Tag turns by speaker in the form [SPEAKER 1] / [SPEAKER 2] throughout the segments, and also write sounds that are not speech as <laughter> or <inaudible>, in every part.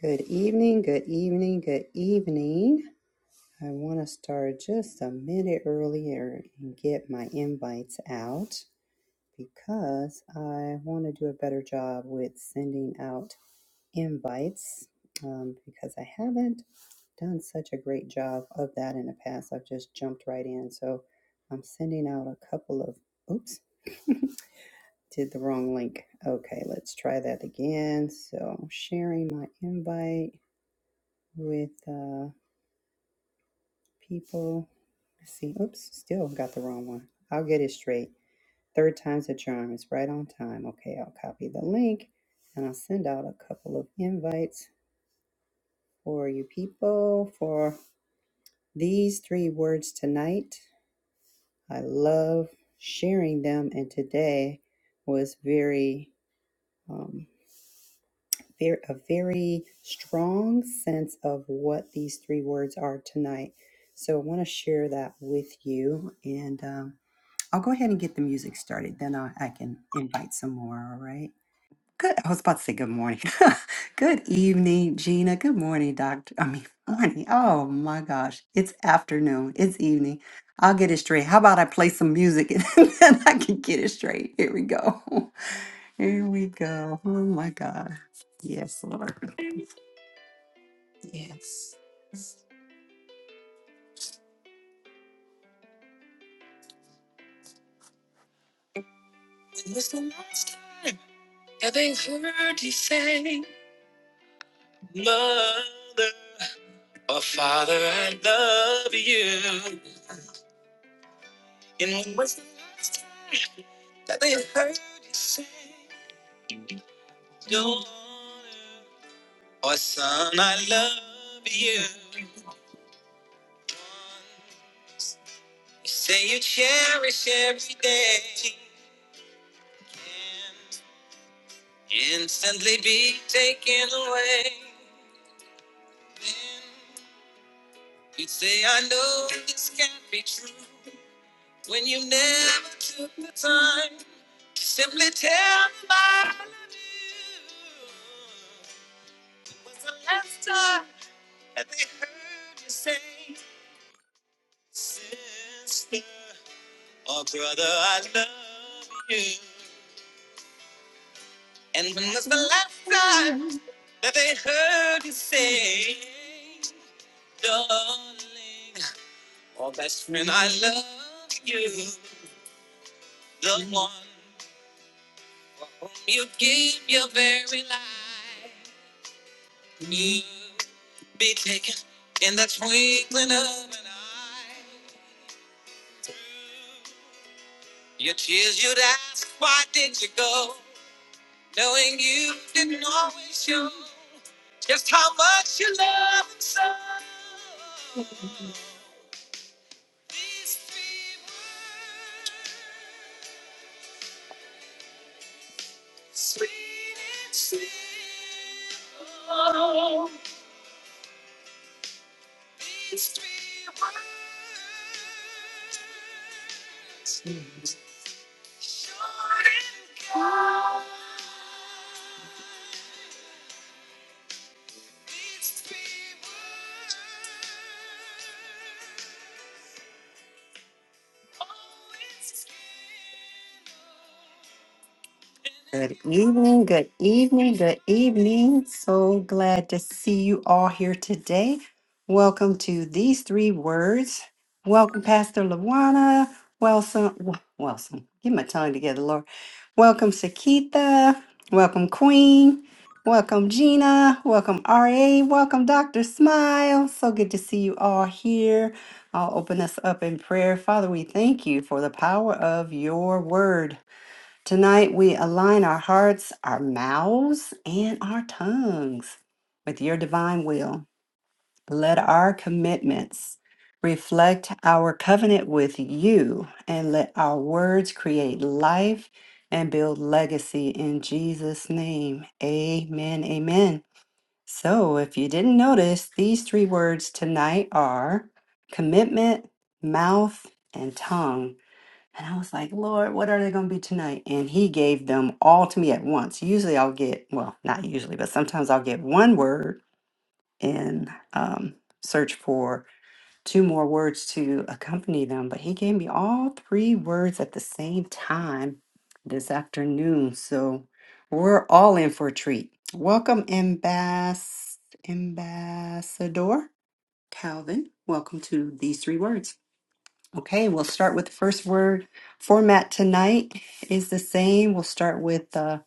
[SPEAKER 1] Good evening, good evening, good evening. I want to start just a minute earlier and get my invites out because I want to do a better job with sending out invites um, because I haven't done such a great job of that in the past. I've just jumped right in. So I'm sending out a couple of, oops, did the wrong link. Okay, let's try that again. So sharing my invite with uh, people. Let's see. Oops, still got the wrong one. I'll get it straight. Third time's a charm. It's right on time. Okay, I'll copy the link and I'll send out a couple of invites for you people for these three words tonight. I love sharing them, and today was very, um, very a very strong sense of what these three words are tonight. So I want to share that with you and. um, I'll go ahead and get the music started, then I, I can invite some more, all right? Good. I was about to say good morning. <laughs> good evening, Gina. Good morning, Doctor. I mean, <laughs> morning. Oh my gosh. It's afternoon. It's evening. I'll get it straight. How about I play some music and <laughs> then I can get it straight? Here we go. <laughs> Here we go. Oh my God. Yes, Lord. Yes. When was the last time having heard you say, Mother? Oh, Father, I love you. And when was the last time that they heard you say, Don't wanna"? Oh, son, I love you. You say you cherish every day. Can instantly be taken away. You say, I know this can't be true. When you never took the time to simply tell me I love you. It was the last time that they heard you say, Sister or brother, I love you. And when was the last time that they heard you say, Darling or best friend, I love you. The one. You gave your very life. You be taken in the twinkling of an eye. Your tears you'd ask, why did you go? Knowing you didn't always show just how much you love and so. These three words Sweet and simple. It's three words. Short and kind. It's three words. Oh, it's Always Good evening, good evening, good evening. So glad to see you all here today. Welcome to these three words. Welcome, Pastor Lawana. Welcome, Wilson. Get my tongue together, Lord. Welcome, Sakita. Welcome, Queen. Welcome, Gina. Welcome, RA. Welcome, Dr. Smile. So good to see you all here. I'll open us up in prayer. Father, we thank you for the power of your word. Tonight, we align our hearts, our mouths, and our tongues with your divine will. Let our commitments reflect our covenant with you, and let our words create life and build legacy in Jesus' name. Amen. Amen. So, if you didn't notice, these three words tonight are commitment, mouth, and tongue. And I was like, Lord, what are they going to be tonight? And he gave them all to me at once. Usually I'll get, well, not usually, but sometimes I'll get one word and um, search for two more words to accompany them. But he gave me all three words at the same time this afternoon. So we're all in for a treat. Welcome, Ambass- Ambassador Calvin. Welcome to These Three Words. Okay, we'll start with the first word. Format tonight is the same. We'll start with uh,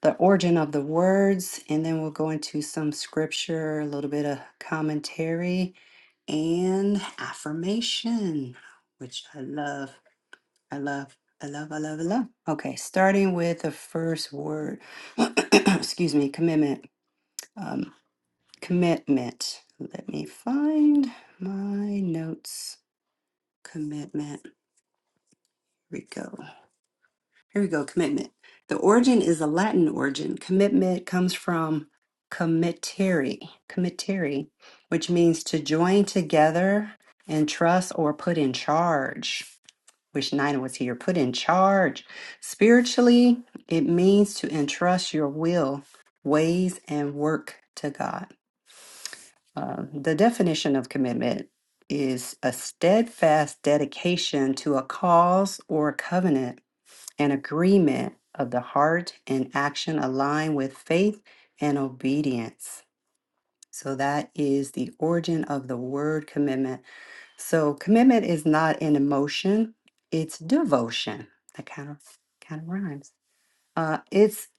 [SPEAKER 1] the origin of the words, and then we'll go into some scripture, a little bit of commentary, and affirmation, which I love. I love. I love. I love. I love. Okay, starting with the first word. <coughs> <clears throat> Excuse me. Commitment. Um, commitment. Let me find my notes. Commitment. Here we go. Here we go, commitment. The origin is a Latin origin. Commitment comes from committeri, committeri, which means to join together and trust or put in charge. Which Nina was here, put in charge. Spiritually, it means to entrust your will, ways, and work to God. Uh, the definition of commitment is a steadfast dedication to a cause or covenant and agreement of the heart and action align with faith and obedience. So that is the origin of the word commitment. So commitment is not an emotion, it's devotion. That kind of kind of rhymes. Uh, it's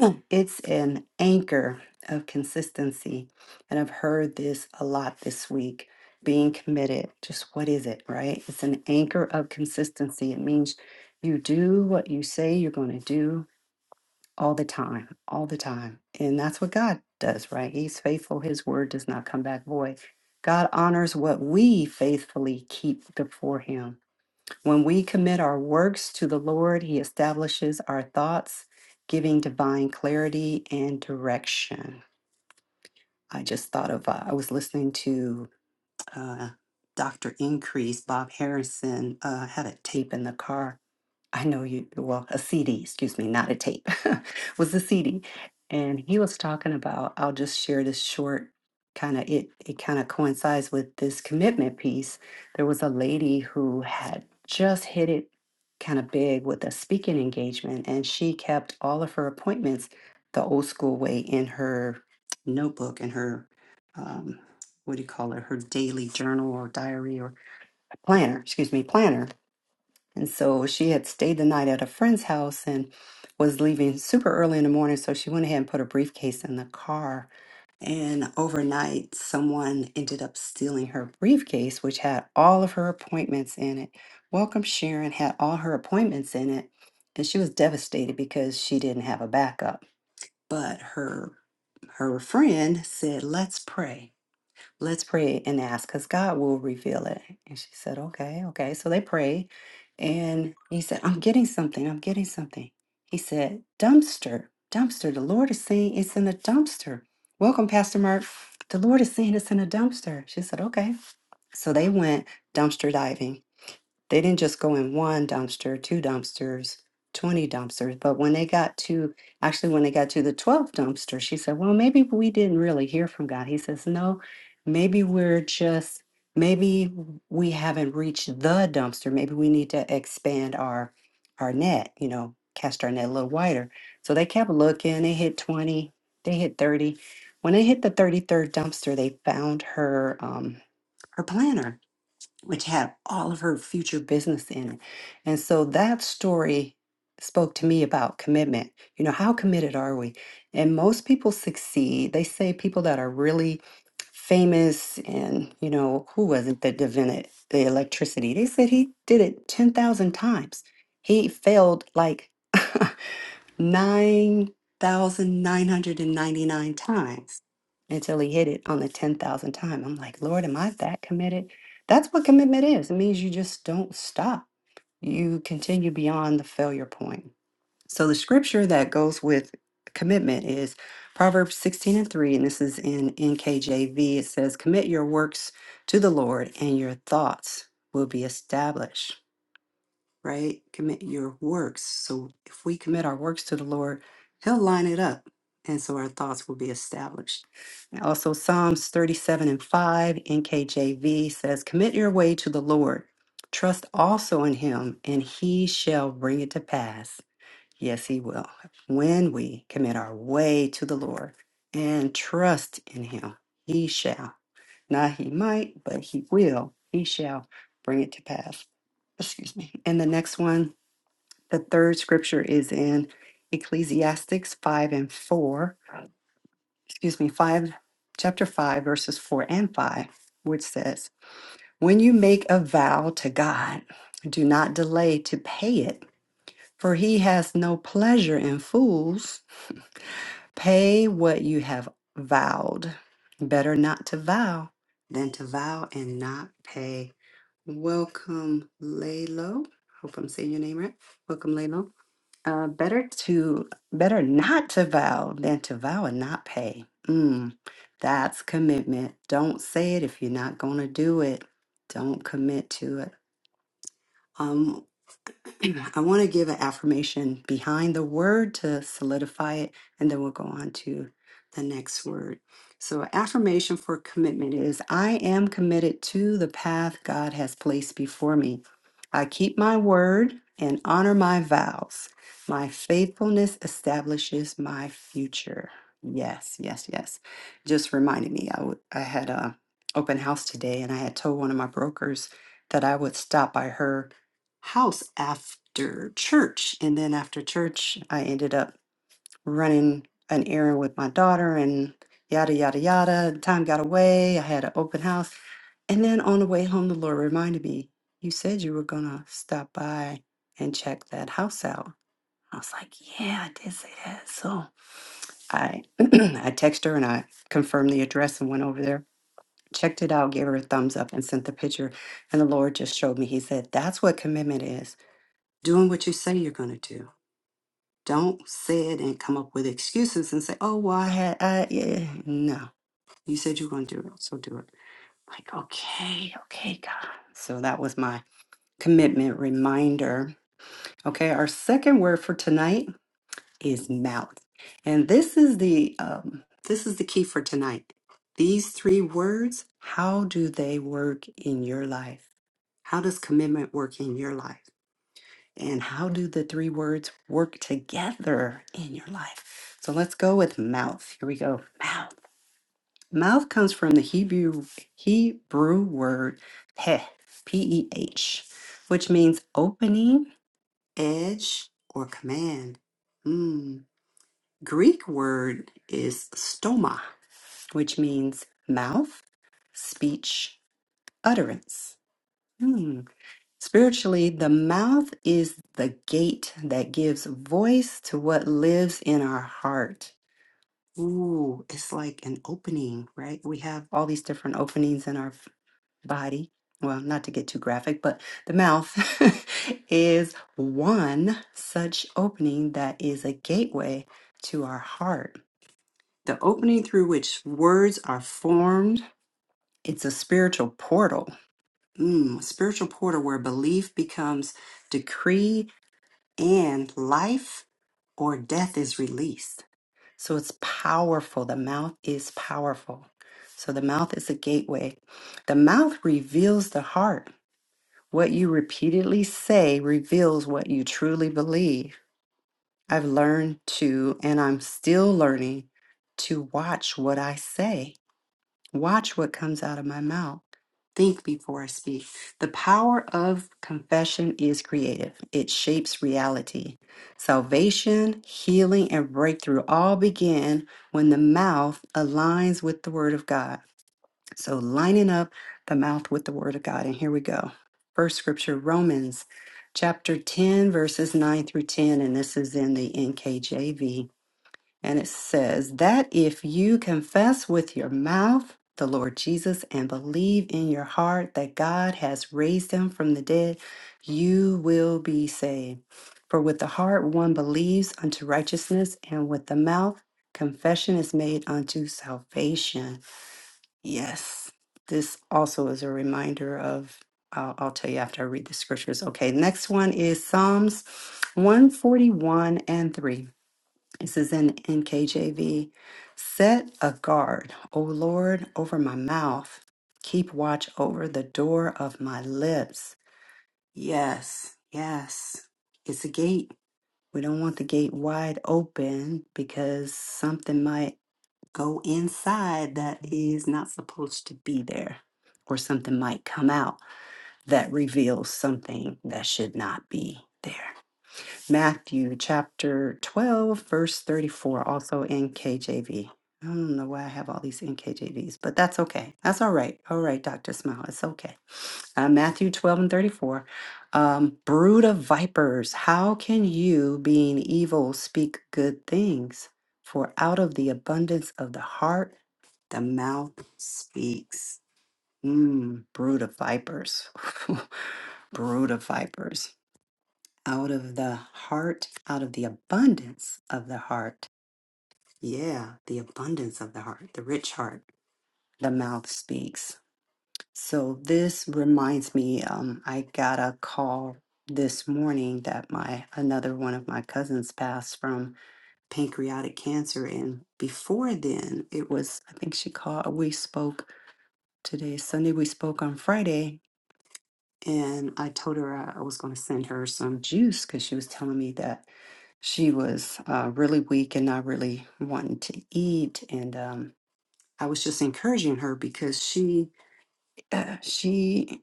[SPEAKER 1] <clears throat> it's an anchor of consistency, and I've heard this a lot this week. Being committed, just what is it, right? It's an anchor of consistency. It means you do what you say you're going to do all the time, all the time, and that's what God does, right? He's faithful. His word does not come back void. God honors what we faithfully keep before Him. When we commit our works to the Lord, He establishes our thoughts, giving divine clarity and direction. I just thought of, uh, I was listening to uh, Dr. Increase, Bob Harrison uh, had a tape in the car I know you, well, a CD, excuse me, not a tape, <laughs> was a CD. And he was talking about, I'll just share this short kind of, it, it kind of coincides with this commitment piece. There was a lady who had just hit it kind of big with a speaking engagement, and she kept all of her appointments the old school way in her notebook and her, um, what do you call it, her daily journal or diary or planner, excuse me, planner and so she had stayed the night at a friend's house and was leaving super early in the morning. So she went ahead and put her briefcase in the car. And overnight, someone ended up stealing her briefcase, which had all of her appointments in it. Welcome Sharon had all her appointments in it. And she was devastated because she didn't have a backup. But her her friend said, Let's pray. Let's pray and ask because God will reveal it. And she said, Okay, okay. So they prayed. And he said, I'm getting something. I'm getting something. He said, Dumpster, dumpster. The Lord is saying it's in a dumpster. Welcome, Pastor Mark. The Lord is saying it's in a dumpster. She said, Okay. So they went dumpster diving they didn't just go in one dumpster, two dumpsters, 20 dumpsters, but when they got to, actually, when they got to the 12th dumpster, she said, Well, maybe we didn't really hear from God. He says, No, maybe we're just, maybe we haven't reached the dumpster. Maybe we need to expand our our net, you know, cast our net a little wider. So they kept looking. They hit 20, they hit 30. When they hit the 33rd dumpster, they found her um, her planner which had all of her future business in it. And so that story spoke to me about commitment. You know, how committed are we? And most people succeed. They say people that are really famous and, you know, who was it that invented the electricity? They said he did it 10,000 times. He failed like <laughs> 9,999 times until he hit it on the 10,000 time. I'm like, Lord, am I that committed? That's what commitment is. It means you just don't stop, you continue beyond the failure point. So, the scripture that goes with commitment is Proverbs 16 and 3, and this is in NKJV. It says, Commit your works to the Lord, and your thoughts will be established right? Commit your works. So if we commit our works to the Lord, He'll line it up. And so our thoughts will be established. And also, Psalms 37 and 5, NKJV says, Commit your way to the Lord. Trust also in Him, and He shall bring it to pass. Yes, He will. When we commit our way to the Lord and trust in Him, He shall. Not He might, but He will. He shall bring it to pass. Excuse me. And the next one the third scripture is in Ecclesiastes 5 and 4, excuse me, 5, chapter 5, verses 4 and 5, which says, When you make a vow to God, do not delay to pay it, for he has no pleasure in fools. Pay what you have vowed. Better not to vow than to vow and not pay. Welcome, Lalo. Hope I'm saying your name right. Welcome, Lalo. Uh, better to better not to vow than to vow and not pay. Mm, that's commitment. Don't say it if you're not gonna do it. Don't commit to it. Um, <clears throat> I want to give an affirmation behind the word to solidify it, and then we'll go on to the next word. So, affirmation for commitment is I am committed to the path God has placed before me. I keep my word and honor my vows. My faithfulness establishes my future. Yes, yes, yes. Just reminded me, I, w- I had a open house today, and I had told one of my brokers that I would stop by her house after church. And then after church, I ended up running an errand with my daughter and yada, yada, yada. Time got away. I had an open house. And then on the way home, the Lord reminded me, You said you were going to stop by and check that house out. I was like, Yeah, I did say that. So I, <clears throat> I texted her and I confirmed the address and went over there. Checked it out, gave her a thumbs up, and sent the picture. And the Lord just showed me. He said, That's what commitment is doing what you say you're going to do. Don't say it and come up with excuses and say, "Oh, well, I had, I yeah." No, you said you're going to do it, so do it. Like, okay, okay, God. So that was my commitment reminder. Okay, our second word for tonight is mouth, and this is the um, this is the key for tonight. These three words, how do they work in your life? How does commitment work in your life? And how do the three words work together in your life? So let's go with mouth. Here we go. Mouth. Mouth comes from the Hebrew Hebrew word peh, P E H, which means opening, edge, or command. Mm. Greek word is stoma, which means mouth, speech, utterance. Hmm. Spiritually, the mouth is the gate that gives voice to what lives in our heart. Ooh, it's like an opening, right? We have all these different openings in our f- body. Well, not to get too graphic, but the mouth <laughs> is one such opening that is a gateway to our heart. The opening through which words are formed, it's a spiritual portal. Mm, spiritual portal where belief becomes decree and life or death is released. So it's powerful. The mouth is powerful. So the mouth is a gateway. The mouth reveals the heart. What you repeatedly say reveals what you truly believe. I've learned to, and I'm still learning to watch what I say. Watch what comes out of my mouth. Think before I speak. The power of confession is creative, it shapes reality. Salvation, healing, and breakthrough all begin when the mouth aligns with the Word of God. So, lining up the mouth with the Word of God. And here we go. First scripture, Romans chapter 10, verses 9 through 10. And this is in the NKJV. And it says that if you confess with your mouth the Lord Jesus and believe in your heart that God has raised him from the dead, you will be saved. For with the heart one believes unto righteousness, and with the mouth confession is made unto salvation. Yes, this also is a reminder of, I'll, I'll tell you after I read the scriptures. Okay, next one is Psalms 141 and 3. This is in NKJV. Set a guard, O Lord, over my mouth. Keep watch over the door of my lips. Yes, yes. It's a gate. We don't want the gate wide open because something might go inside that is not supposed to be there, or something might come out that reveals something that should not be there. Matthew chapter 12, verse 34, also NKJV. I don't know why I have all these NKJVs, but that's okay. That's all right. All right, Dr. Smile, it's okay. Uh, Matthew 12 and 34. Um, Brood of vipers, how can you, being evil, speak good things? For out of the abundance of the heart, the mouth speaks. Mm, brood of vipers. <laughs> brood of vipers out of the heart, out of the abundance of the heart. Yeah, the abundance of the heart, the rich heart. The mouth speaks. So this reminds me, um, I got a call this morning that my another one of my cousins passed from pancreatic cancer and before then it was i think she called we spoke today sunday we spoke on friday and i told her i I was going to send her some juice because she was telling me that She was uh, really weak and not really wanting to eat, and um, I was just encouraging her because she, <clears throat> uh, she,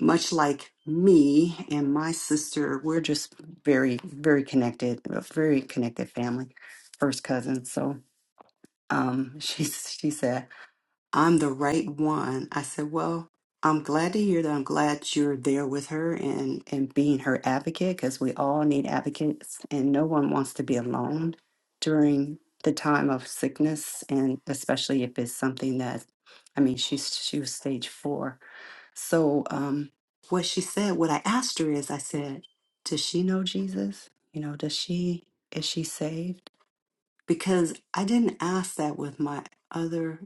[SPEAKER 1] much like me and my sister, we're just very, very connected, a very connected family, first cousins. So um, <laughs> she she said. I'm the right one. I said, Well, I'm glad to hear that. I'm glad you're there with her and, and being her advocate because we all need advocates and no one wants to be alone during the time of sickness and especially if it's something that I mean she's she was stage four. So um what she said, what I asked her is I said, Does she know Jesus? You know, does she is she saved? because I didn't ask that with my other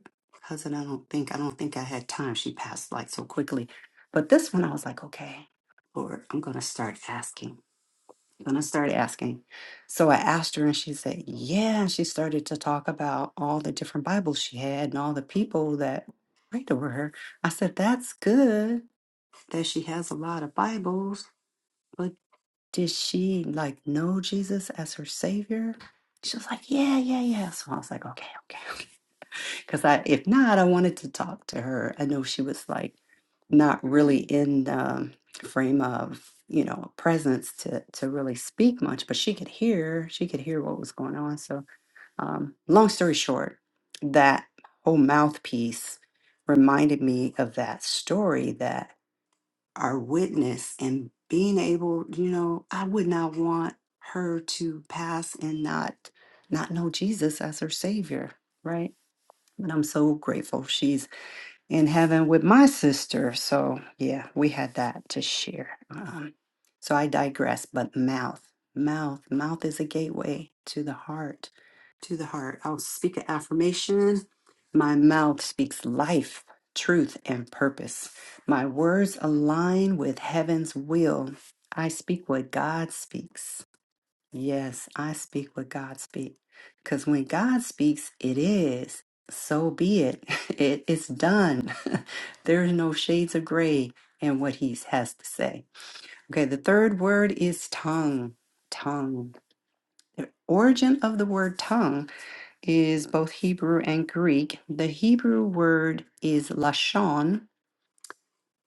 [SPEAKER 1] cousin. I don't think I don't think I had time. She passed like so quickly. But this one I was like, okay, Lord, I'm gonna start asking. I'm gonna start asking. So I asked her and she said, Yeah. And she started to talk about all the different Bibles she had and all the people that prayed over her. I said, That's good that she has a lot of Bibles did she like know Jesus as her savior? She was like, yeah, yeah, yeah. So I was like, okay, okay, <laughs> okay. Because I, if not, I wanted to talk to her. I know she was like not really in the frame of you know presence to to really speak much, but she could hear. She could hear what was going on. So, um, long story short, that whole mouthpiece reminded me of that story that our witness and being able you know i would not want her to pass and not not know jesus as her savior right but i'm so grateful she's in heaven with my sister. So, yeah, we had that to share. Um, so I digress, but mouth, mouth, mouth is a gateway to the heart, to the heart. I'll speak an affirmation. My mouth speaks life, truth, and purpose. My words align with heaven's will. I speak what God speaks. Yes, I speak what God speak. Because when God speaks, it is. So be it. <laughs> it it's done. <laughs> There's no shades of gray in what he has to say. Okay, the third word is tongue. Tongue. Origin of the word tongue is both Hebrew and Greek. The Hebrew word is lashon,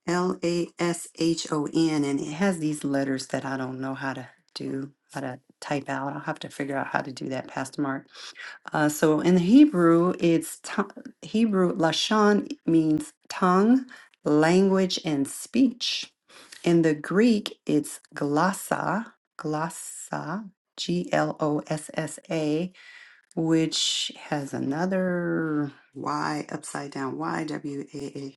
[SPEAKER 1] L A S H O N, and it has these letters that I don't know how to do, how to type out. I'll have to figure out how to do that, Pastor Mark. Uh, so in the Hebrew, it's to- Hebrew lashon means tongue, language, and speech. In the Greek, it's glossa, glossa, G L O S S A, which has another Y upside down, Y W A A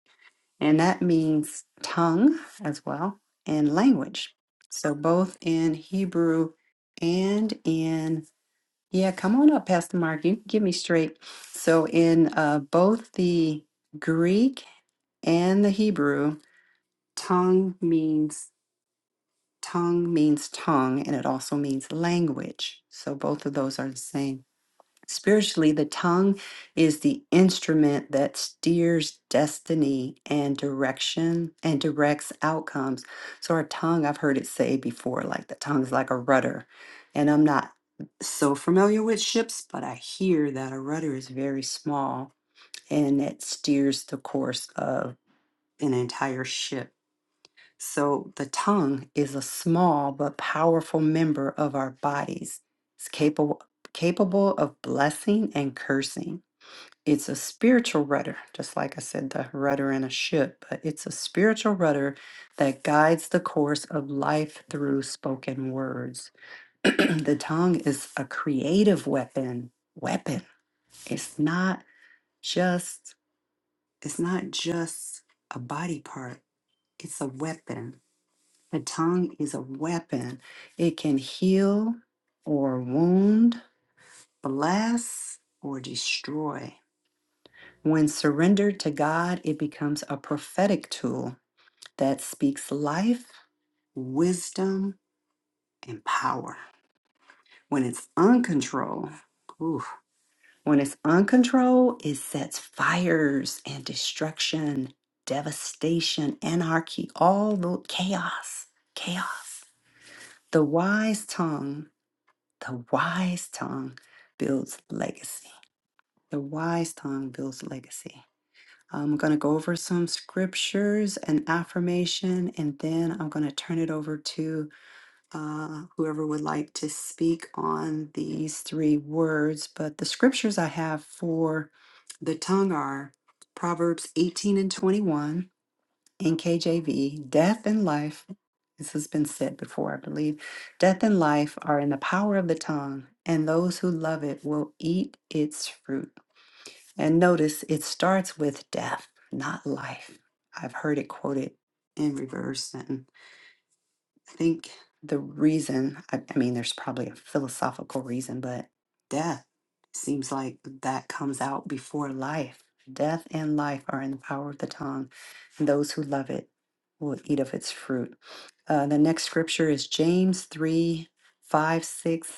[SPEAKER 1] and that means tongue as well and language. So both in Hebrew and in yeah, come on up, Pastor Mark. You can get me straight. So in uh, both the Greek and the Hebrew, tongue means tongue means tongue, and it also means language. So both of those are the same. Spiritually, the tongue is the instrument that steers destiny and direction and directs outcomes. So, our tongue, I've heard it say before, like the tongue's like a rudder. And I'm not so familiar with ships, but I hear that a rudder is very small and it steers the course of an entire ship. So the tongue is a small but powerful member of our bodies. It's capable capable of blessing and cursing. It's a spiritual rudder, just like I said, the rudder in a ship, but it's a spiritual rudder that guides the course of life through spoken words. <clears throat> the tongue is a creative weapon. Weapon. It's not just it's not just a body part. It's a weapon the tongue is a weapon. It can heal or wound, bless or destroy. When surrendered to God, it becomes a prophetic tool that speaks life, wisdom, and power. When it's uncontrolled, oof, when it's uncontrolled, it sets fires and destruction, devastation, anarchy, all the chaos, chaos. The wise tongue The wise tongue builds legacy. The wise tongue builds legacy. I'm going to go over some scriptures and affirmation, and then I'm going to turn it over to uh, whoever would like to speak on these three words. But the scriptures I have for the tongue are Proverbs 18 and 21 in KJV, death and life, this has been said before, I believe, death and life are in the power of the tongue, and those who love it will eat its fruit. And notice it starts with death, not life. I've heard it quoted in reverse and I think the reason, I, I mean, there's probably a philosophical reason, but death seems like that comes out before life. Death and life are in the power of the tongue, and those who love it will eat of its fruit. Uh, the next scripture is James 3 5 6.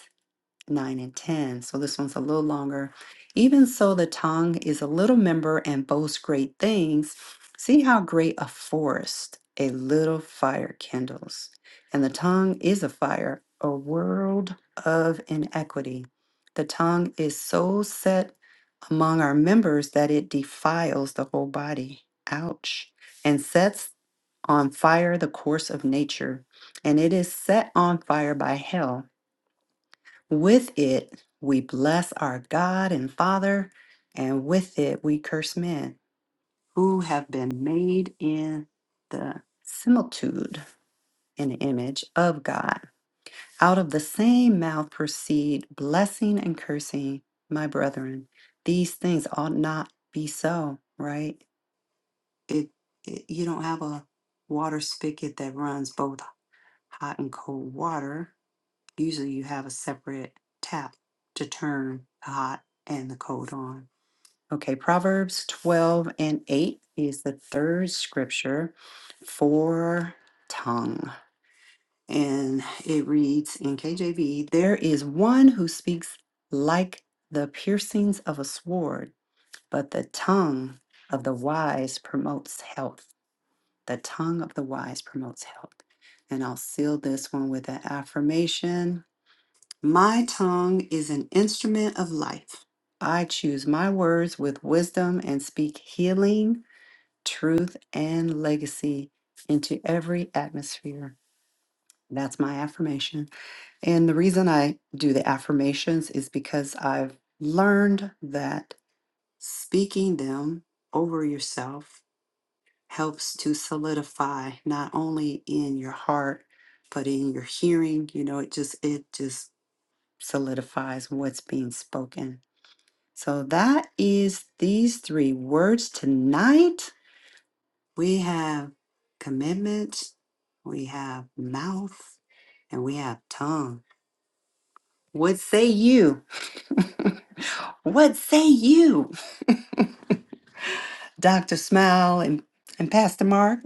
[SPEAKER 1] 9 and 10. So this one's a little longer. Even so, the tongue is a little member and boasts great things. See how great a forest a little fire kindles. And the tongue is a fire, a world of inequity. The tongue is so set among our members that it defiles the whole body. Ouch. And sets on fire the course of nature. And it is set on fire by hell. With it, we bless our God and Father, and with it, we curse men who have been made in the similitude and image of God. Out of the same mouth proceed blessing and cursing, my brethren. These things ought not be so, right? It, it you don't have a water spigot that runs both hot and cold water Usually you have a separate tap to turn the hot and the cold on. Okay, Proverbs 12 and 8 is the third scripture for tongue. And it reads in KJV There is one who speaks like the piercings of a sword, but the tongue of the wise promotes health. The tongue of the wise promotes health. And I'll seal this one with an affirmation. My tongue is an instrument of life. I choose my words with wisdom and speak healing, truth, and legacy into every atmosphere. That's my affirmation. And the reason I do the affirmations is because I've learned that speaking them over yourself helps to solidify not only in your heart, but in your hearing. You know, it just, it just solidifies what's being spoken. So that is these three words tonight. We have commitment, we have mouth, and we have tongue. What say you? <laughs> what say you? <laughs> Dr. Smile and, and Pastor Mark.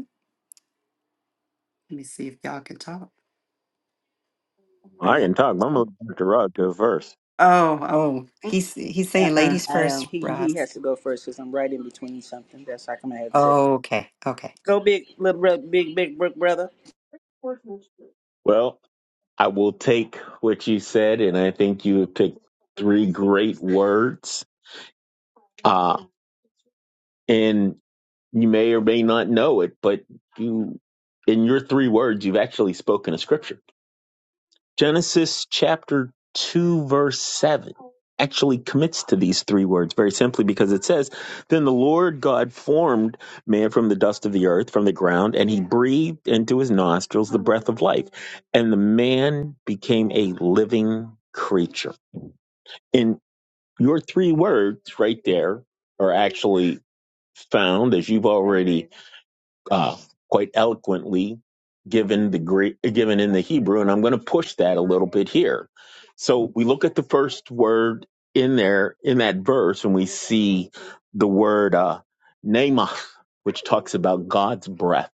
[SPEAKER 1] Let me see if y'all can talk. Are
[SPEAKER 2] I
[SPEAKER 1] y'all?
[SPEAKER 2] can talk. but I'm gonna let Dr. Rod go first.
[SPEAKER 1] Oh, oh, he's he's saying
[SPEAKER 3] Uh-uh,
[SPEAKER 1] ladies
[SPEAKER 3] I um
[SPEAKER 1] first,
[SPEAKER 3] He he
[SPEAKER 1] Roz.
[SPEAKER 3] has to go first because I'm right in between something. That's how come I had to say.
[SPEAKER 1] Okay, okay.
[SPEAKER 3] Go big, little bro, big, big bro- brother.
[SPEAKER 2] Well, I will take what you said, and I think you picked three great words. Uh, and you may or may not know it, but you, in your three words, you've actually spoken a scripture. Genesis chapter 2, verse 7 actually commits to these three words very simply because it says, Then the Lord God formed man from the dust of the earth, from the ground, and he breathed into his nostrils the breath of life. And the man became a living creature. And your three words right there are actually found, as you've already uh, quite eloquently given the Greek, given in the Hebrew, and I'm going to push that a little bit here. So we look at the first word in there in that verse, and we see the word uh, "nemath," which talks about God's breath,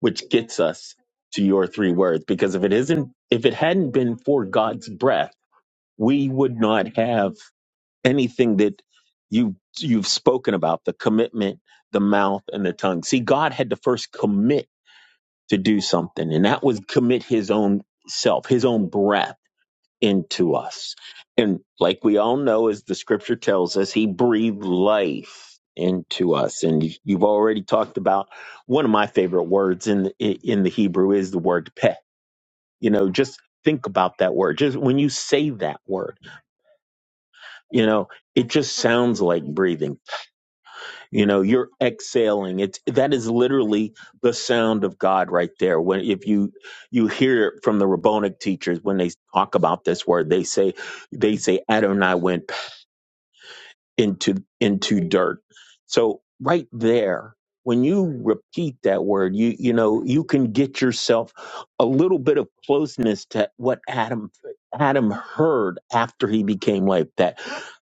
[SPEAKER 2] which gets us to your three words. Because if it isn't, if it hadn't been for God's breath, we would not have anything that you you've spoken about the commitment the mouth and the tongue see god had to first commit to do something. And that was commit his own self, his own breath into us. And like we all know, as the scripture tells us, he breathed life into us. And you- have already talked about one of my favorite words in the, in the Hebrew is the word peh. You know, just think about that word. Just when you say that word, you know, it just sounds like breathing. you know you're exhaling it's that is literally the sound of god right there when if you you hear it from the rabbinic teachers when they talk about this word they say they say adonai went into into dirt so right there when you repeat that word you you know you can get yourself a little bit of closeness to what adam adam heard after he became like that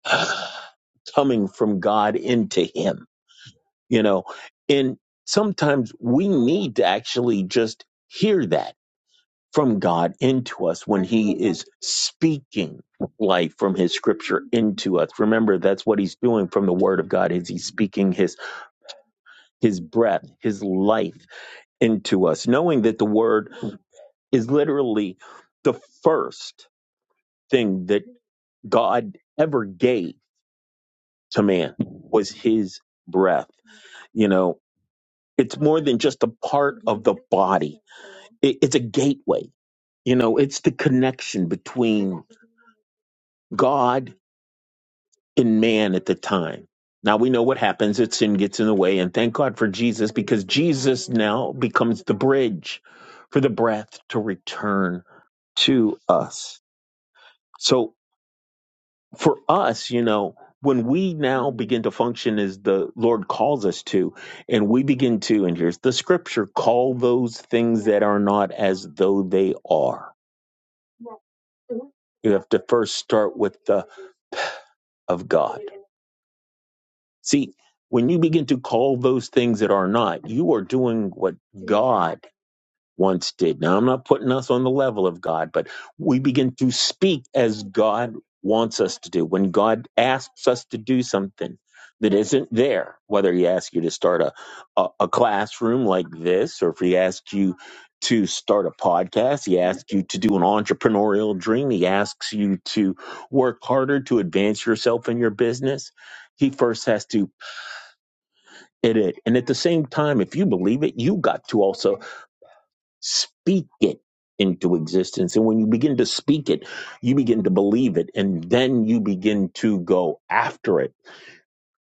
[SPEAKER 2] <sighs> coming from god into him you know and sometimes we need to actually just hear that from god into us when he is speaking life from his scripture into us remember that's what he's doing from the word of god is he's speaking his his breath his life into us knowing that the word is literally the first thing that god ever gave to man was his breath you know It's more than just a part of the body. It, it's a gateway. You know, it's the connection between God and man at the time. Now we know what happens. It's sin gets in the way, and thank God for Jesus because Jesus now becomes the bridge for the breath to return to us. So for us, you know, when we now begin to function as the Lord calls us to, and we begin to, and here's the scripture call those things that are not as though they are. You have to first start with the of God. See, when you begin to call those things that are not, you are doing what God once did. Now, I'm not putting us on the level of God, but we begin to speak as God wants us to do. When God asks us to do something that isn't there, whether He asks you to start a, a, a classroom like this, or if He asks you to start a podcast, He asks you to do an entrepreneurial dream, He asks you to work harder to advance yourself in your business. He first has to in it. And at the same time, if you believe it, you got to also Speak it into existence. And when you begin to speak it, you begin to believe it, and then you begin to go after it.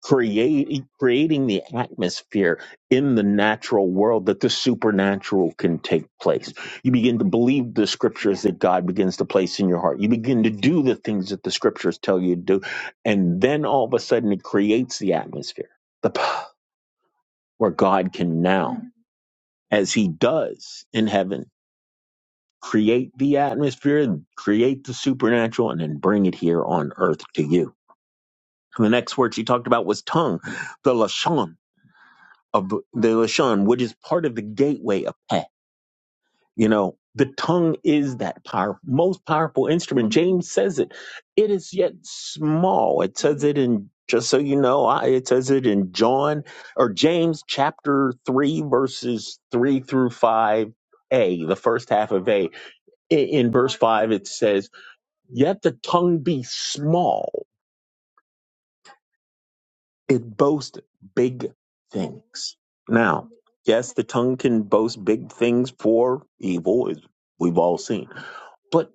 [SPEAKER 2] Create, creating the atmosphere in the natural world that the supernatural can take place. You begin to believe the scriptures that God begins to place in your heart. You begin to do the things that the scriptures tell you to do. And then all of a sudden it creates the atmosphere the, p- where God can now, as he does in heaven create the atmosphere, create the supernatural, and then bring it here on earth to you. And the next word she talked about was tongue, the lashon of the lashon, which is part of the gateway of peh. You know, the tongue is that power, most powerful instrument. James says it. It is yet small. It says it in just so you know, I, it says it in John or James chapter three, verses three through five. A, the first half of A. I- In verse 5, it says, Yet the tongue be small, it boasts big things. Now, yes, the tongue can boast big things for evil, as we've all seen. But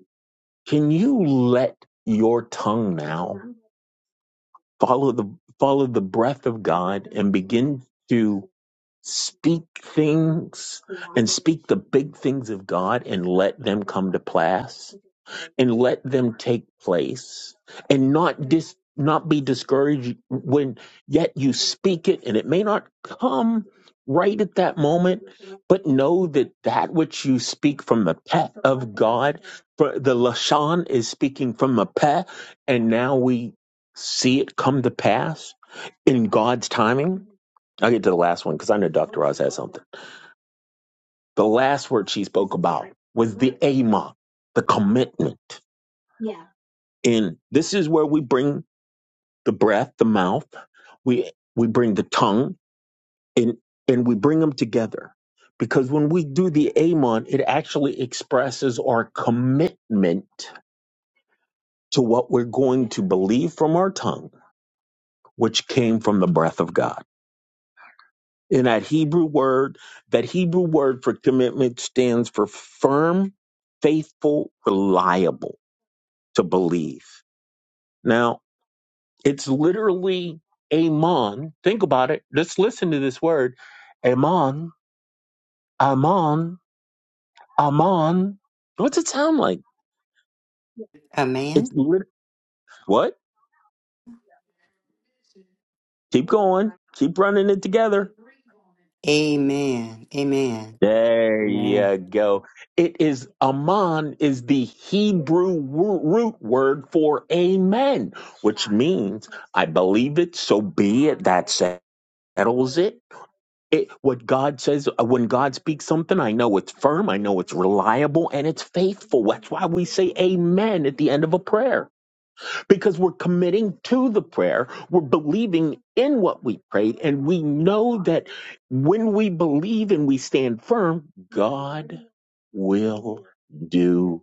[SPEAKER 2] can you let your tongue now follow the follow the breath of God and begin to speak things and speak the big things of God and let them come to pass? and let them take place and not dis not be discouraged when yet you speak it and it may not come right at that moment but know that that which you speak from the pet of god for the lashon is speaking from the pet and now we see it come to pass in god's timing i'll get to the last one because i know dr oz has something the last word she spoke about was the ama the commitment and this is where we bring the breath, the mouth, we we bring the tongue, and and we bring them together. Because when we do the Amon, it actually expresses our commitment to what we're going to believe from our tongue, which came from the breath of God. And that Hebrew word, that Hebrew word for commitment stands for firm, faithful, reliable to believe. Now, It's literally Amon. Think about it. Let's listen to this word. Amon, Amon, Amon. What's it sound like?
[SPEAKER 1] A man?
[SPEAKER 2] It's lit- what? Keep going. Keep running it
[SPEAKER 1] Amen.
[SPEAKER 2] together.
[SPEAKER 1] Amen. Amen.
[SPEAKER 2] There
[SPEAKER 1] Amen.
[SPEAKER 2] you go. It is Amon is the Hebrew wo- root word for amen, which means I believe it, so be it. That settles it. It, what God says, uh, when God speaks something, I know it's firm, I know it's reliable, and it's faithful. That's why we say amen at the end of a prayer, because we're committing to the prayer. We're believing in what we prayed, and we know that when we believe and we stand firm, God will do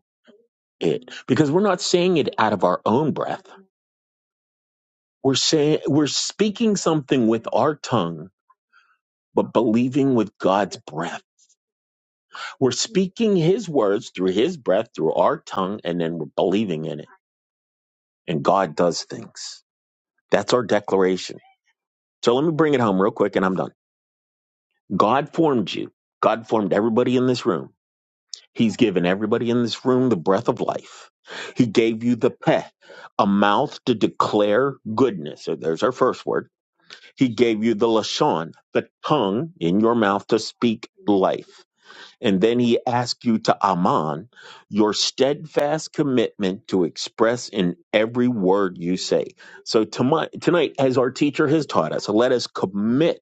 [SPEAKER 2] it. Because we're not saying it out of our own breath. We're saying, we're speaking something with our tongue, but believing with God's breath We're speaking His words through His breath, through our tongue, and then we're believing in it. And God does things. That's our declaration. So let me bring it home real quick and I'm done. God formed you, God formed everybody in this room. He's given everybody in this room the breath of life. He gave you the peh, a mouth to declare goodness. So there's our first word. He gave you the lashon, the tongue in your mouth to speak life. And then he asks you to aman, your steadfast commitment to express in every word you say. So tomi- tonight, as our teacher has taught us, let us commit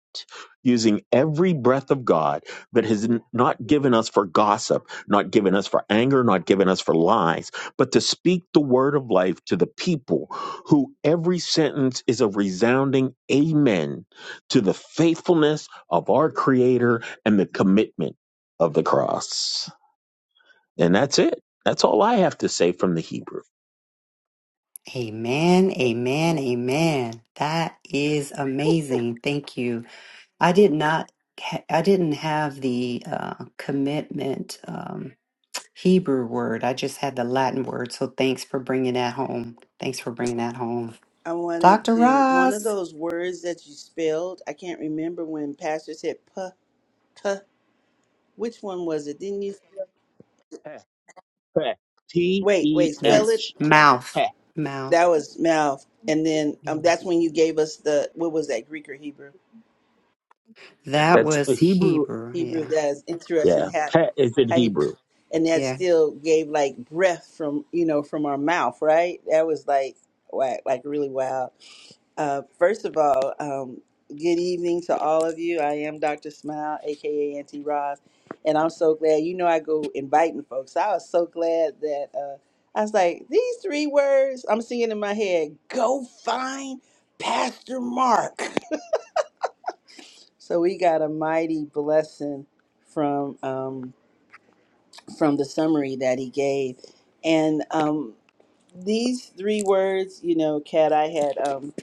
[SPEAKER 2] using every breath of God that has n- not given us for gossip, not given us for anger, not given us for lies, but to speak the word of life to the people who every sentence is a resounding amen to the faithfulness of our Creator and the commitment of the cross. And that's it. That's all I have to say from the Hebrew.
[SPEAKER 1] Amen.
[SPEAKER 3] Amen.
[SPEAKER 1] Amen. That is amazing. Thank you. I did not. ha- I didn't have the uh, commitment um, Hebrew word. I just had the Latin word. So thanks for bringing that home. Thanks for bringing that home,
[SPEAKER 3] I wanted
[SPEAKER 1] Doctor
[SPEAKER 3] to one of
[SPEAKER 1] Ross.
[SPEAKER 3] those words that you spelled. I can't remember when Pastor said puh tuh. Which one was it? Didn't you?
[SPEAKER 2] Peh, peh, P
[SPEAKER 3] Wait,
[SPEAKER 2] E
[SPEAKER 3] wait. Spell
[SPEAKER 1] That's
[SPEAKER 3] it.
[SPEAKER 2] H.
[SPEAKER 1] mouth.
[SPEAKER 2] Peh.
[SPEAKER 1] Mouth.
[SPEAKER 3] That was mouth, and then
[SPEAKER 1] Yeah.
[SPEAKER 3] um, that's when you gave us the what was that Greek or Hebrew?
[SPEAKER 1] That
[SPEAKER 2] That's
[SPEAKER 1] was Hebrew.
[SPEAKER 3] Hebrew
[SPEAKER 1] Yeah.
[SPEAKER 3] guy is interesting
[SPEAKER 2] yeah.
[SPEAKER 3] how
[SPEAKER 2] Peh is in
[SPEAKER 3] how he
[SPEAKER 2] Hebrew.
[SPEAKER 3] and that
[SPEAKER 1] Yeah.
[SPEAKER 3] still gave like breath from you know from our mouth, right? That was like wow, like really wild. Uh, first of all, um, good evening to all of you. I am Dr. Smile, aka Auntie Roz, and I'm so glad. You know, I go inviting folks. I was so glad that uh, I was like these three words. I'm singing in my head. Go find Pastor Mark. <laughs> So we got a mighty blessing from. Um, from the summary that he gave. And um, these three words, you know, Kat, I had um,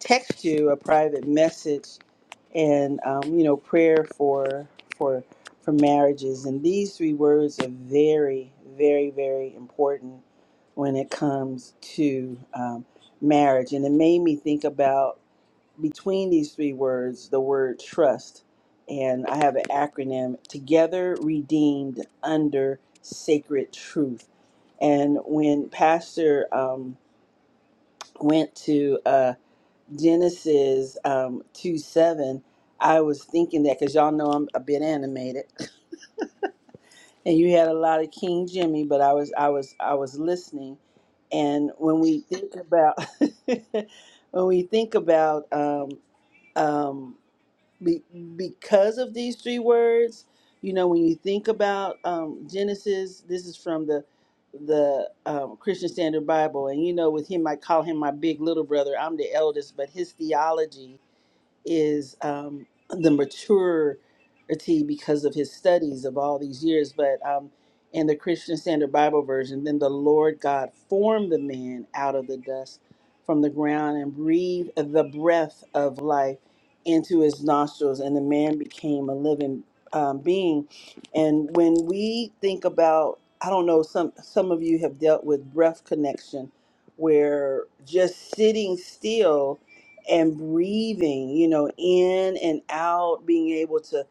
[SPEAKER 3] text you a private message and um, you know prayer for for for marriages and these three words are very very very important when it comes to um, marriage and it made me think about between these three words, the word trust, and I have an acronym Together Redeemed Under Sacred Truth. And when Pastor um, went to uh, Genesis um, 2 7, I was thinking that because y'all know I'm a bit animated, and you had a lot of King Jimmy, but I was I was I was listening, and when we think about <laughs> when we think about um, um, be, because of these three words you know when you think about um, genesis this is from the the um, christian standard bible and you know with him i call him my big little brother i'm the eldest but his theology is um, the maturity because of his studies of all these years. But um, in the Christian Standard Bible Version, then the Lord God formed the man out of the dust from the ground and breathed the breath of life into his nostrils, and the man became a living um, being. And when we think about, I don't know, some some of you have dealt with breath connection, where just sitting still and breathing, you know, in and out, being able to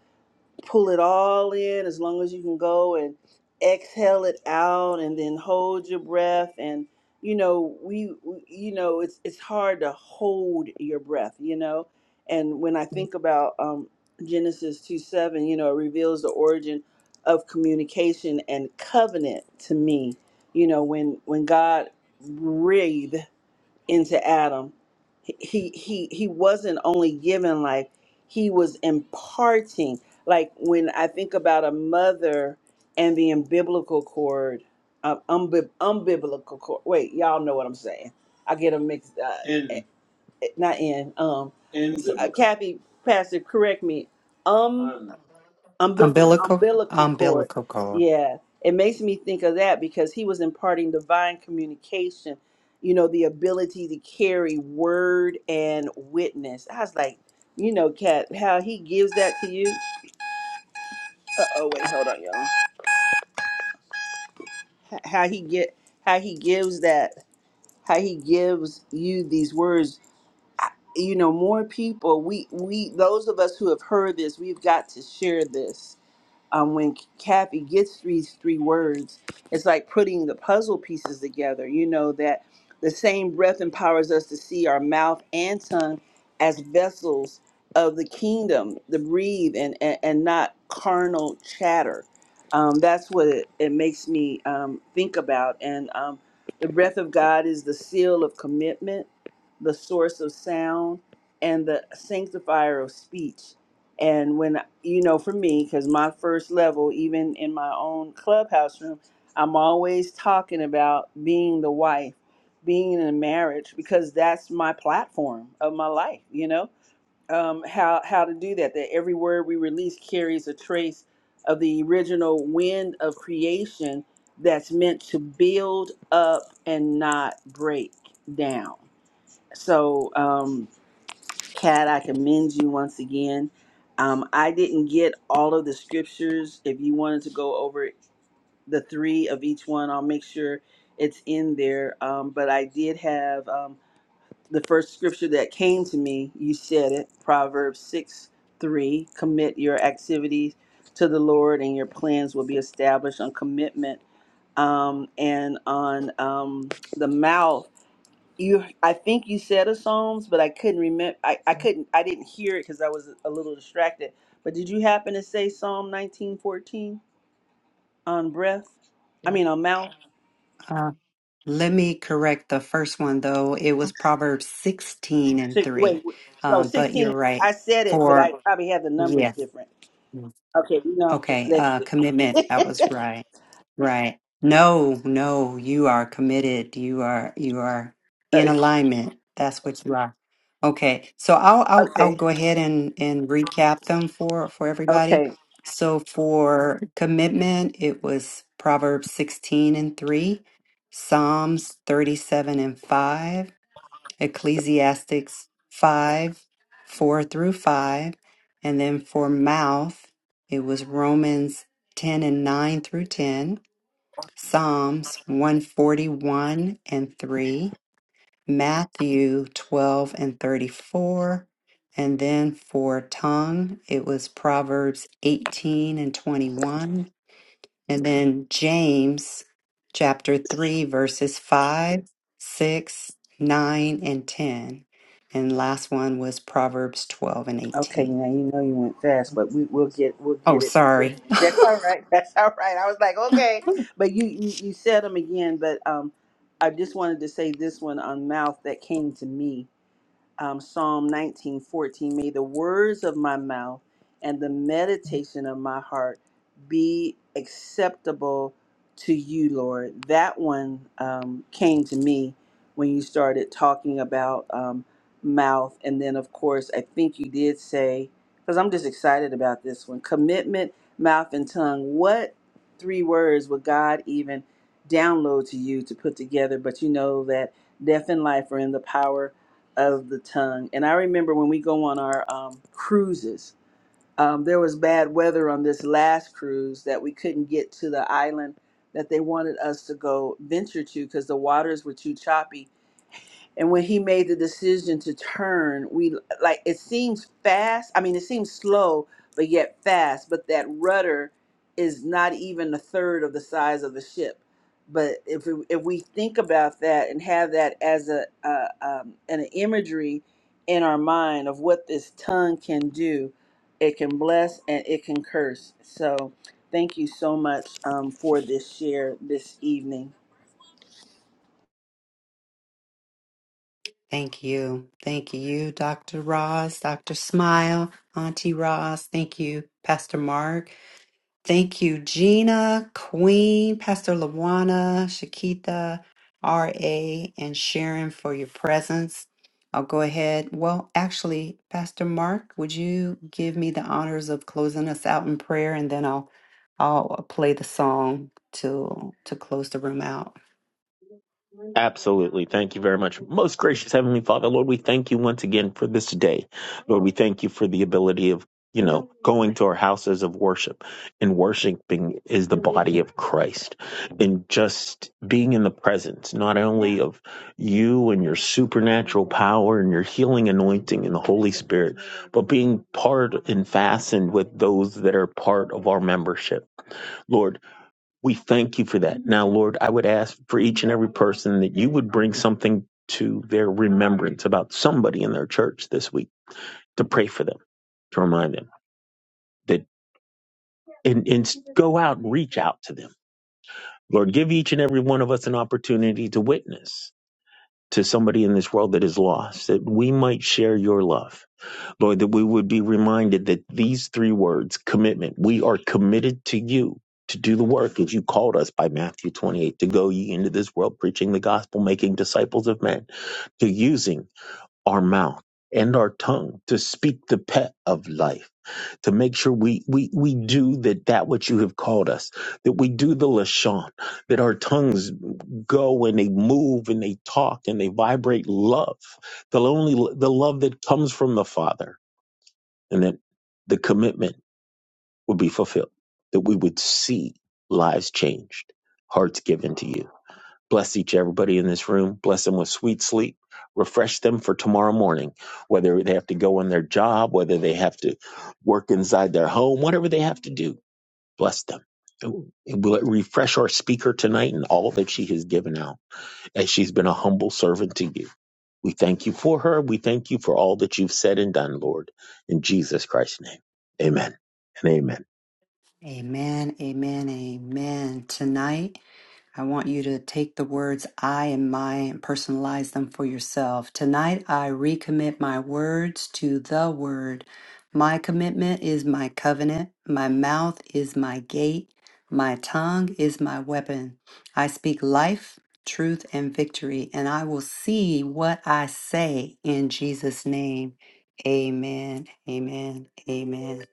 [SPEAKER 3] pull it all in as long as you can go and exhale it out and then hold your breath and you know, we we- you know, it's it's hard to hold your breath, you know. And when I think about um Genesis 2 7, you know, it reveals the origin of communication and covenant to me. You know, when when God breathed into Adam. He he he wasn't only giving life, he was imparting. Like when I think about a mother and the umbilical cord, um, umbi- umbilical cord. Wait, y'all know what I'm saying. I get them mixed. Uh, In. eh, eh, Not in. Um, so, uh, Kathy, Pastor, correct me. Um umbilical,
[SPEAKER 1] Umbilical.
[SPEAKER 3] umbilical cord.
[SPEAKER 1] Umbilical cord.
[SPEAKER 3] Yeah, it makes me think of that because he was imparting divine communication, you know, the ability to carry word and witness. I was like, you know, Kat, how he gives that to you. Uh oh, wait, hold on, y'all. H- How he get, how he gives that, how he gives you these words. I- You know, more people. We we those of us who have heard this, we've got to share this um, when Kathy gets these three words, it's like putting the puzzle pieces together. You know, that the same breath empowers us to see our mouth and tongue as vessels of the kingdom, to breathe and, and, and not carnal chatter. Um, that's what it, it makes me um, think about. And um, the breath of God is the seal of commitment, the source of sound, and the sanctifier of speech. And when, you know, for me, because my first level, even in my own clubhouse room, I'm always talking about being the wife, being in a marriage, because that's my platform of my life, you know? Um, how, how to do that, that every word we release carries a trace of the original wind of creation that's meant to build up and not break down. So, um, Kat, I commend you once again. Um, I didn't get all of the scriptures. If you wanted to go over the three of each one, I'll make sure it's in there. Um, but I did have um, the first scripture that came to me. You said it Proverbs 6 3. Commit your activities to the Lord, and your plans will be established on commitment um, and on um, the mouth you i think you said a psalms but i couldn't remember i, I couldn't i didn't hear it because i was a little distracted but did you happen to say psalm 1914 on breath i mean on mouth
[SPEAKER 1] Uh, let me correct the first one, though. It was Proverbs 16 and
[SPEAKER 3] six, wait
[SPEAKER 1] 3.
[SPEAKER 3] wait, no
[SPEAKER 1] Um, but you're
[SPEAKER 3] 16
[SPEAKER 1] right.
[SPEAKER 3] i said it but
[SPEAKER 1] For,
[SPEAKER 3] i probably had the numbers
[SPEAKER 1] yes.
[SPEAKER 3] different okay you know
[SPEAKER 1] Okay.
[SPEAKER 3] i'm
[SPEAKER 1] Uh,
[SPEAKER 3] dyslexic
[SPEAKER 1] commitment. That was right. Right. No, no, you are committed. You are, you are in
[SPEAKER 3] Uh,
[SPEAKER 1] alignment. That's what you are. Okay, so I'll I'll I'll
[SPEAKER 3] okay
[SPEAKER 1] go ahead and and recap them for for everybody.
[SPEAKER 3] okay
[SPEAKER 1] So for commitment, it was Proverbs 16 and 3, Psalms 37 and 5, Ecclesiastics 5, 4 through 5, and then for mouth, it was Romans 10 and 9 through 10, Psalms 141 and 3, Matthew 12 and 34. And then for tongue, it was Proverbs 18 and 21. And then James chapter 3, verses 5, 6, 9, and 10. And last one was Proverbs 12 and
[SPEAKER 3] Okay,
[SPEAKER 1] 18.
[SPEAKER 3] now you know you went fast, but we, we'll get we'll
[SPEAKER 1] Oh,
[SPEAKER 3] get it.
[SPEAKER 1] sorry.
[SPEAKER 3] That's all right. <laughs> That's all right. I was like, okay, but you you, you said them again. But um, I just wanted to say this one on mouth that came to me um, Psalm 19:14, may the words of my mouth and the meditation of my heart be acceptable to you, Lord. That one um, came to me when you started talking about um, mouth, and then of course I think you did say because I'm just excited about this one: commitment, mouth, and tongue. What three words would God even download to you to put together? But you know that death and life are in the power of the tongue. And I remember when we go on our um, cruises, um, there was bad weather on this last cruise that we couldn't get to the island that they wanted us to go venture to because the waters were too choppy and when he made the decision to turn we like it seems fast i mean it seems slow but yet fast but that rudder is not even a third of the size of the ship but if we, if we think about that and have that as a uh, um, an imagery in our mind of what this tongue can do it can bless and it can curse so thank you so much um, for this share this evening
[SPEAKER 1] Thank you. Thank you, Dr. Ross, Dr. Smile, Auntie Ross. Thank you, Pastor Mark. Thank you, Gina, Queen, Pastor Lawana, Shakita, R.A., and Sharon for your presence. I'll go ahead. Well, actually, Pastor Mark, would you give me the honors of closing us out in prayer, and then I'll I'll uh, play the song to to close the room out.
[SPEAKER 2] Absolutely. Thank you very much. Most gracious Heavenly Father, Lord, we thank you once again for this day. Lord, we thank you for the ability of, you know, going to our houses of worship and worshiping is the body of Christ and just being in the presence, not only of you and your supernatural power and your healing anointing and the Holy Spirit, but being part and fastened with those that are part of our membership. Lord, we thank you for that. Now, Lord, I would ask for each and every person that you would bring something to their remembrance about somebody in their church this week to pray for them, to remind them that, and, and go out and reach out to them. Lord, give each and every one of us an opportunity to witness to somebody in this world that is lost, that we might share your love Lord, that we would be reminded that these three words, commitment, we are committed to you to do the work as you called us by Matthew 28 to go ye into this world preaching the gospel, making disciples of men, to using our mouth and our tongue to speak the pet of life, to make sure we, we, we do that, that which you have called us, that we do the Lashon, that our tongues go and they move and they talk and they vibrate love, the only, the love that comes from the Father and that the commitment would be fulfilled, that we would see lives changed, hearts given to you. Bless each everybody in this room. Bless them with sweet sleep. Refresh them for tomorrow morning, whether they have to go on their job, whether they have to work inside their home, whatever they have to do. Bless them. And Will it refresh our speaker tonight and all that she has given out as she's been a humble servant to you? We thank you for her. We thank you for all that you've said and done, Lord. In Jesus Christ's name, amen and amen.
[SPEAKER 1] Amen. Amen. Amen. Tonight. I want you to take the words I and my and personalize them for yourself. Tonight, I recommit my words to the word. My commitment is my covenant. My mouth is my gate. My tongue is my weapon. I speak life, truth, and victory, and I will see what I say in Jesus' name. Amen. Amen. Amen.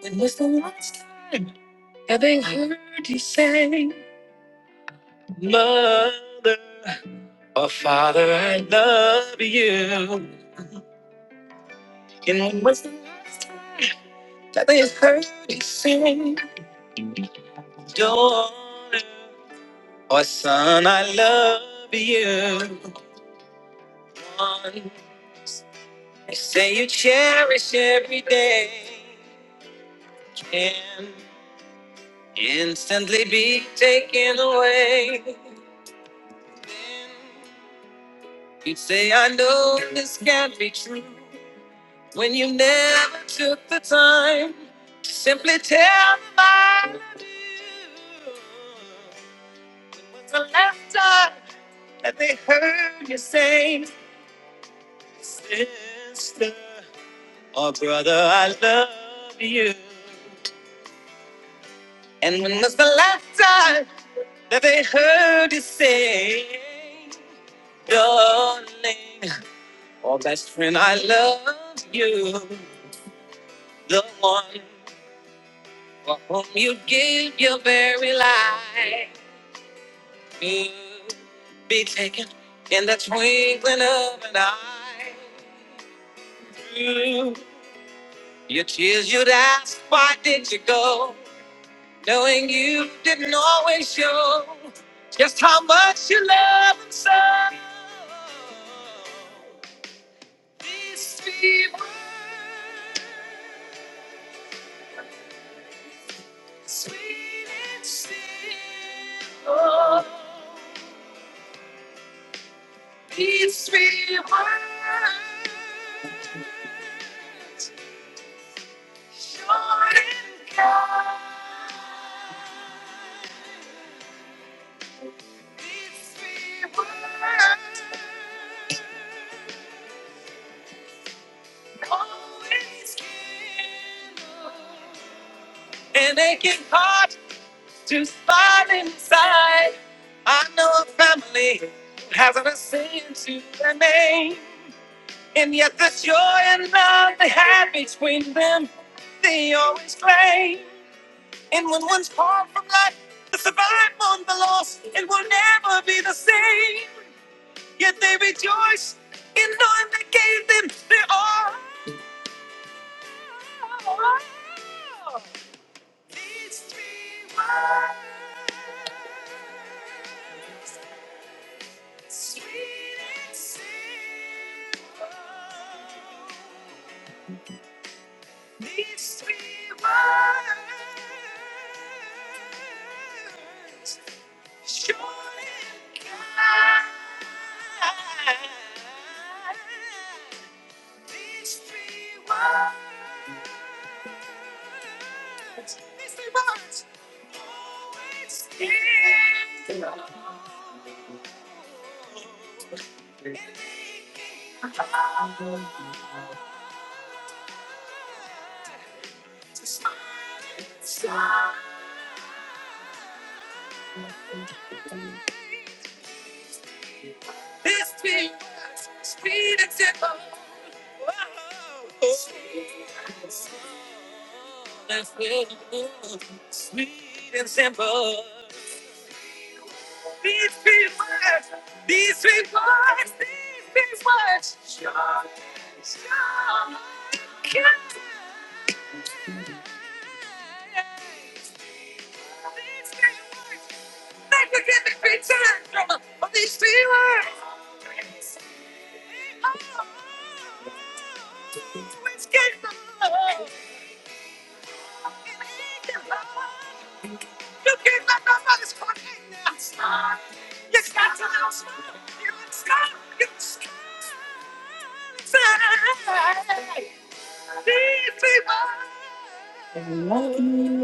[SPEAKER 1] When was the last time having heard you say? Mother or father, I love you. And when was the last time that they heard you sing? Daughter or son, I love you. One, you say you cherish every day. Can instantly be taken away. Then you say, I know this can't be true. when you never took the time to simply tell them, I do. When was the last time that they heard you say, Sister or brother, I love you? And when was the last time that they heard you say, Darling or best friend, I love you? The one. For whom you give your very life you to be taken in the twinkling of an eye. Through your tears, you'd ask, why did you go? Knowing you didn't always show just how much you love and so. These few words Sweet and still, oh, peace be words, short and kind. Peace be words, always give. And they can part. to find inside. I know a family that hasn't a sin to their name, and yet the joy and love they had between them, they always claim. And when one's torn from life, the survival and the loss, it will never be the same. Yet they rejoice in knowing they gave them their all. These three words, sweet and simple. These three words, short and kind. These three words. These three words. Always here. And making us smile inside. These three words. Speed and tempo. Whoa. Speed and tempo. Sweet and simple. These three words, these three words, these three words. Sure, sure, yeah. These three words, they could get the creature from these three words. I love you.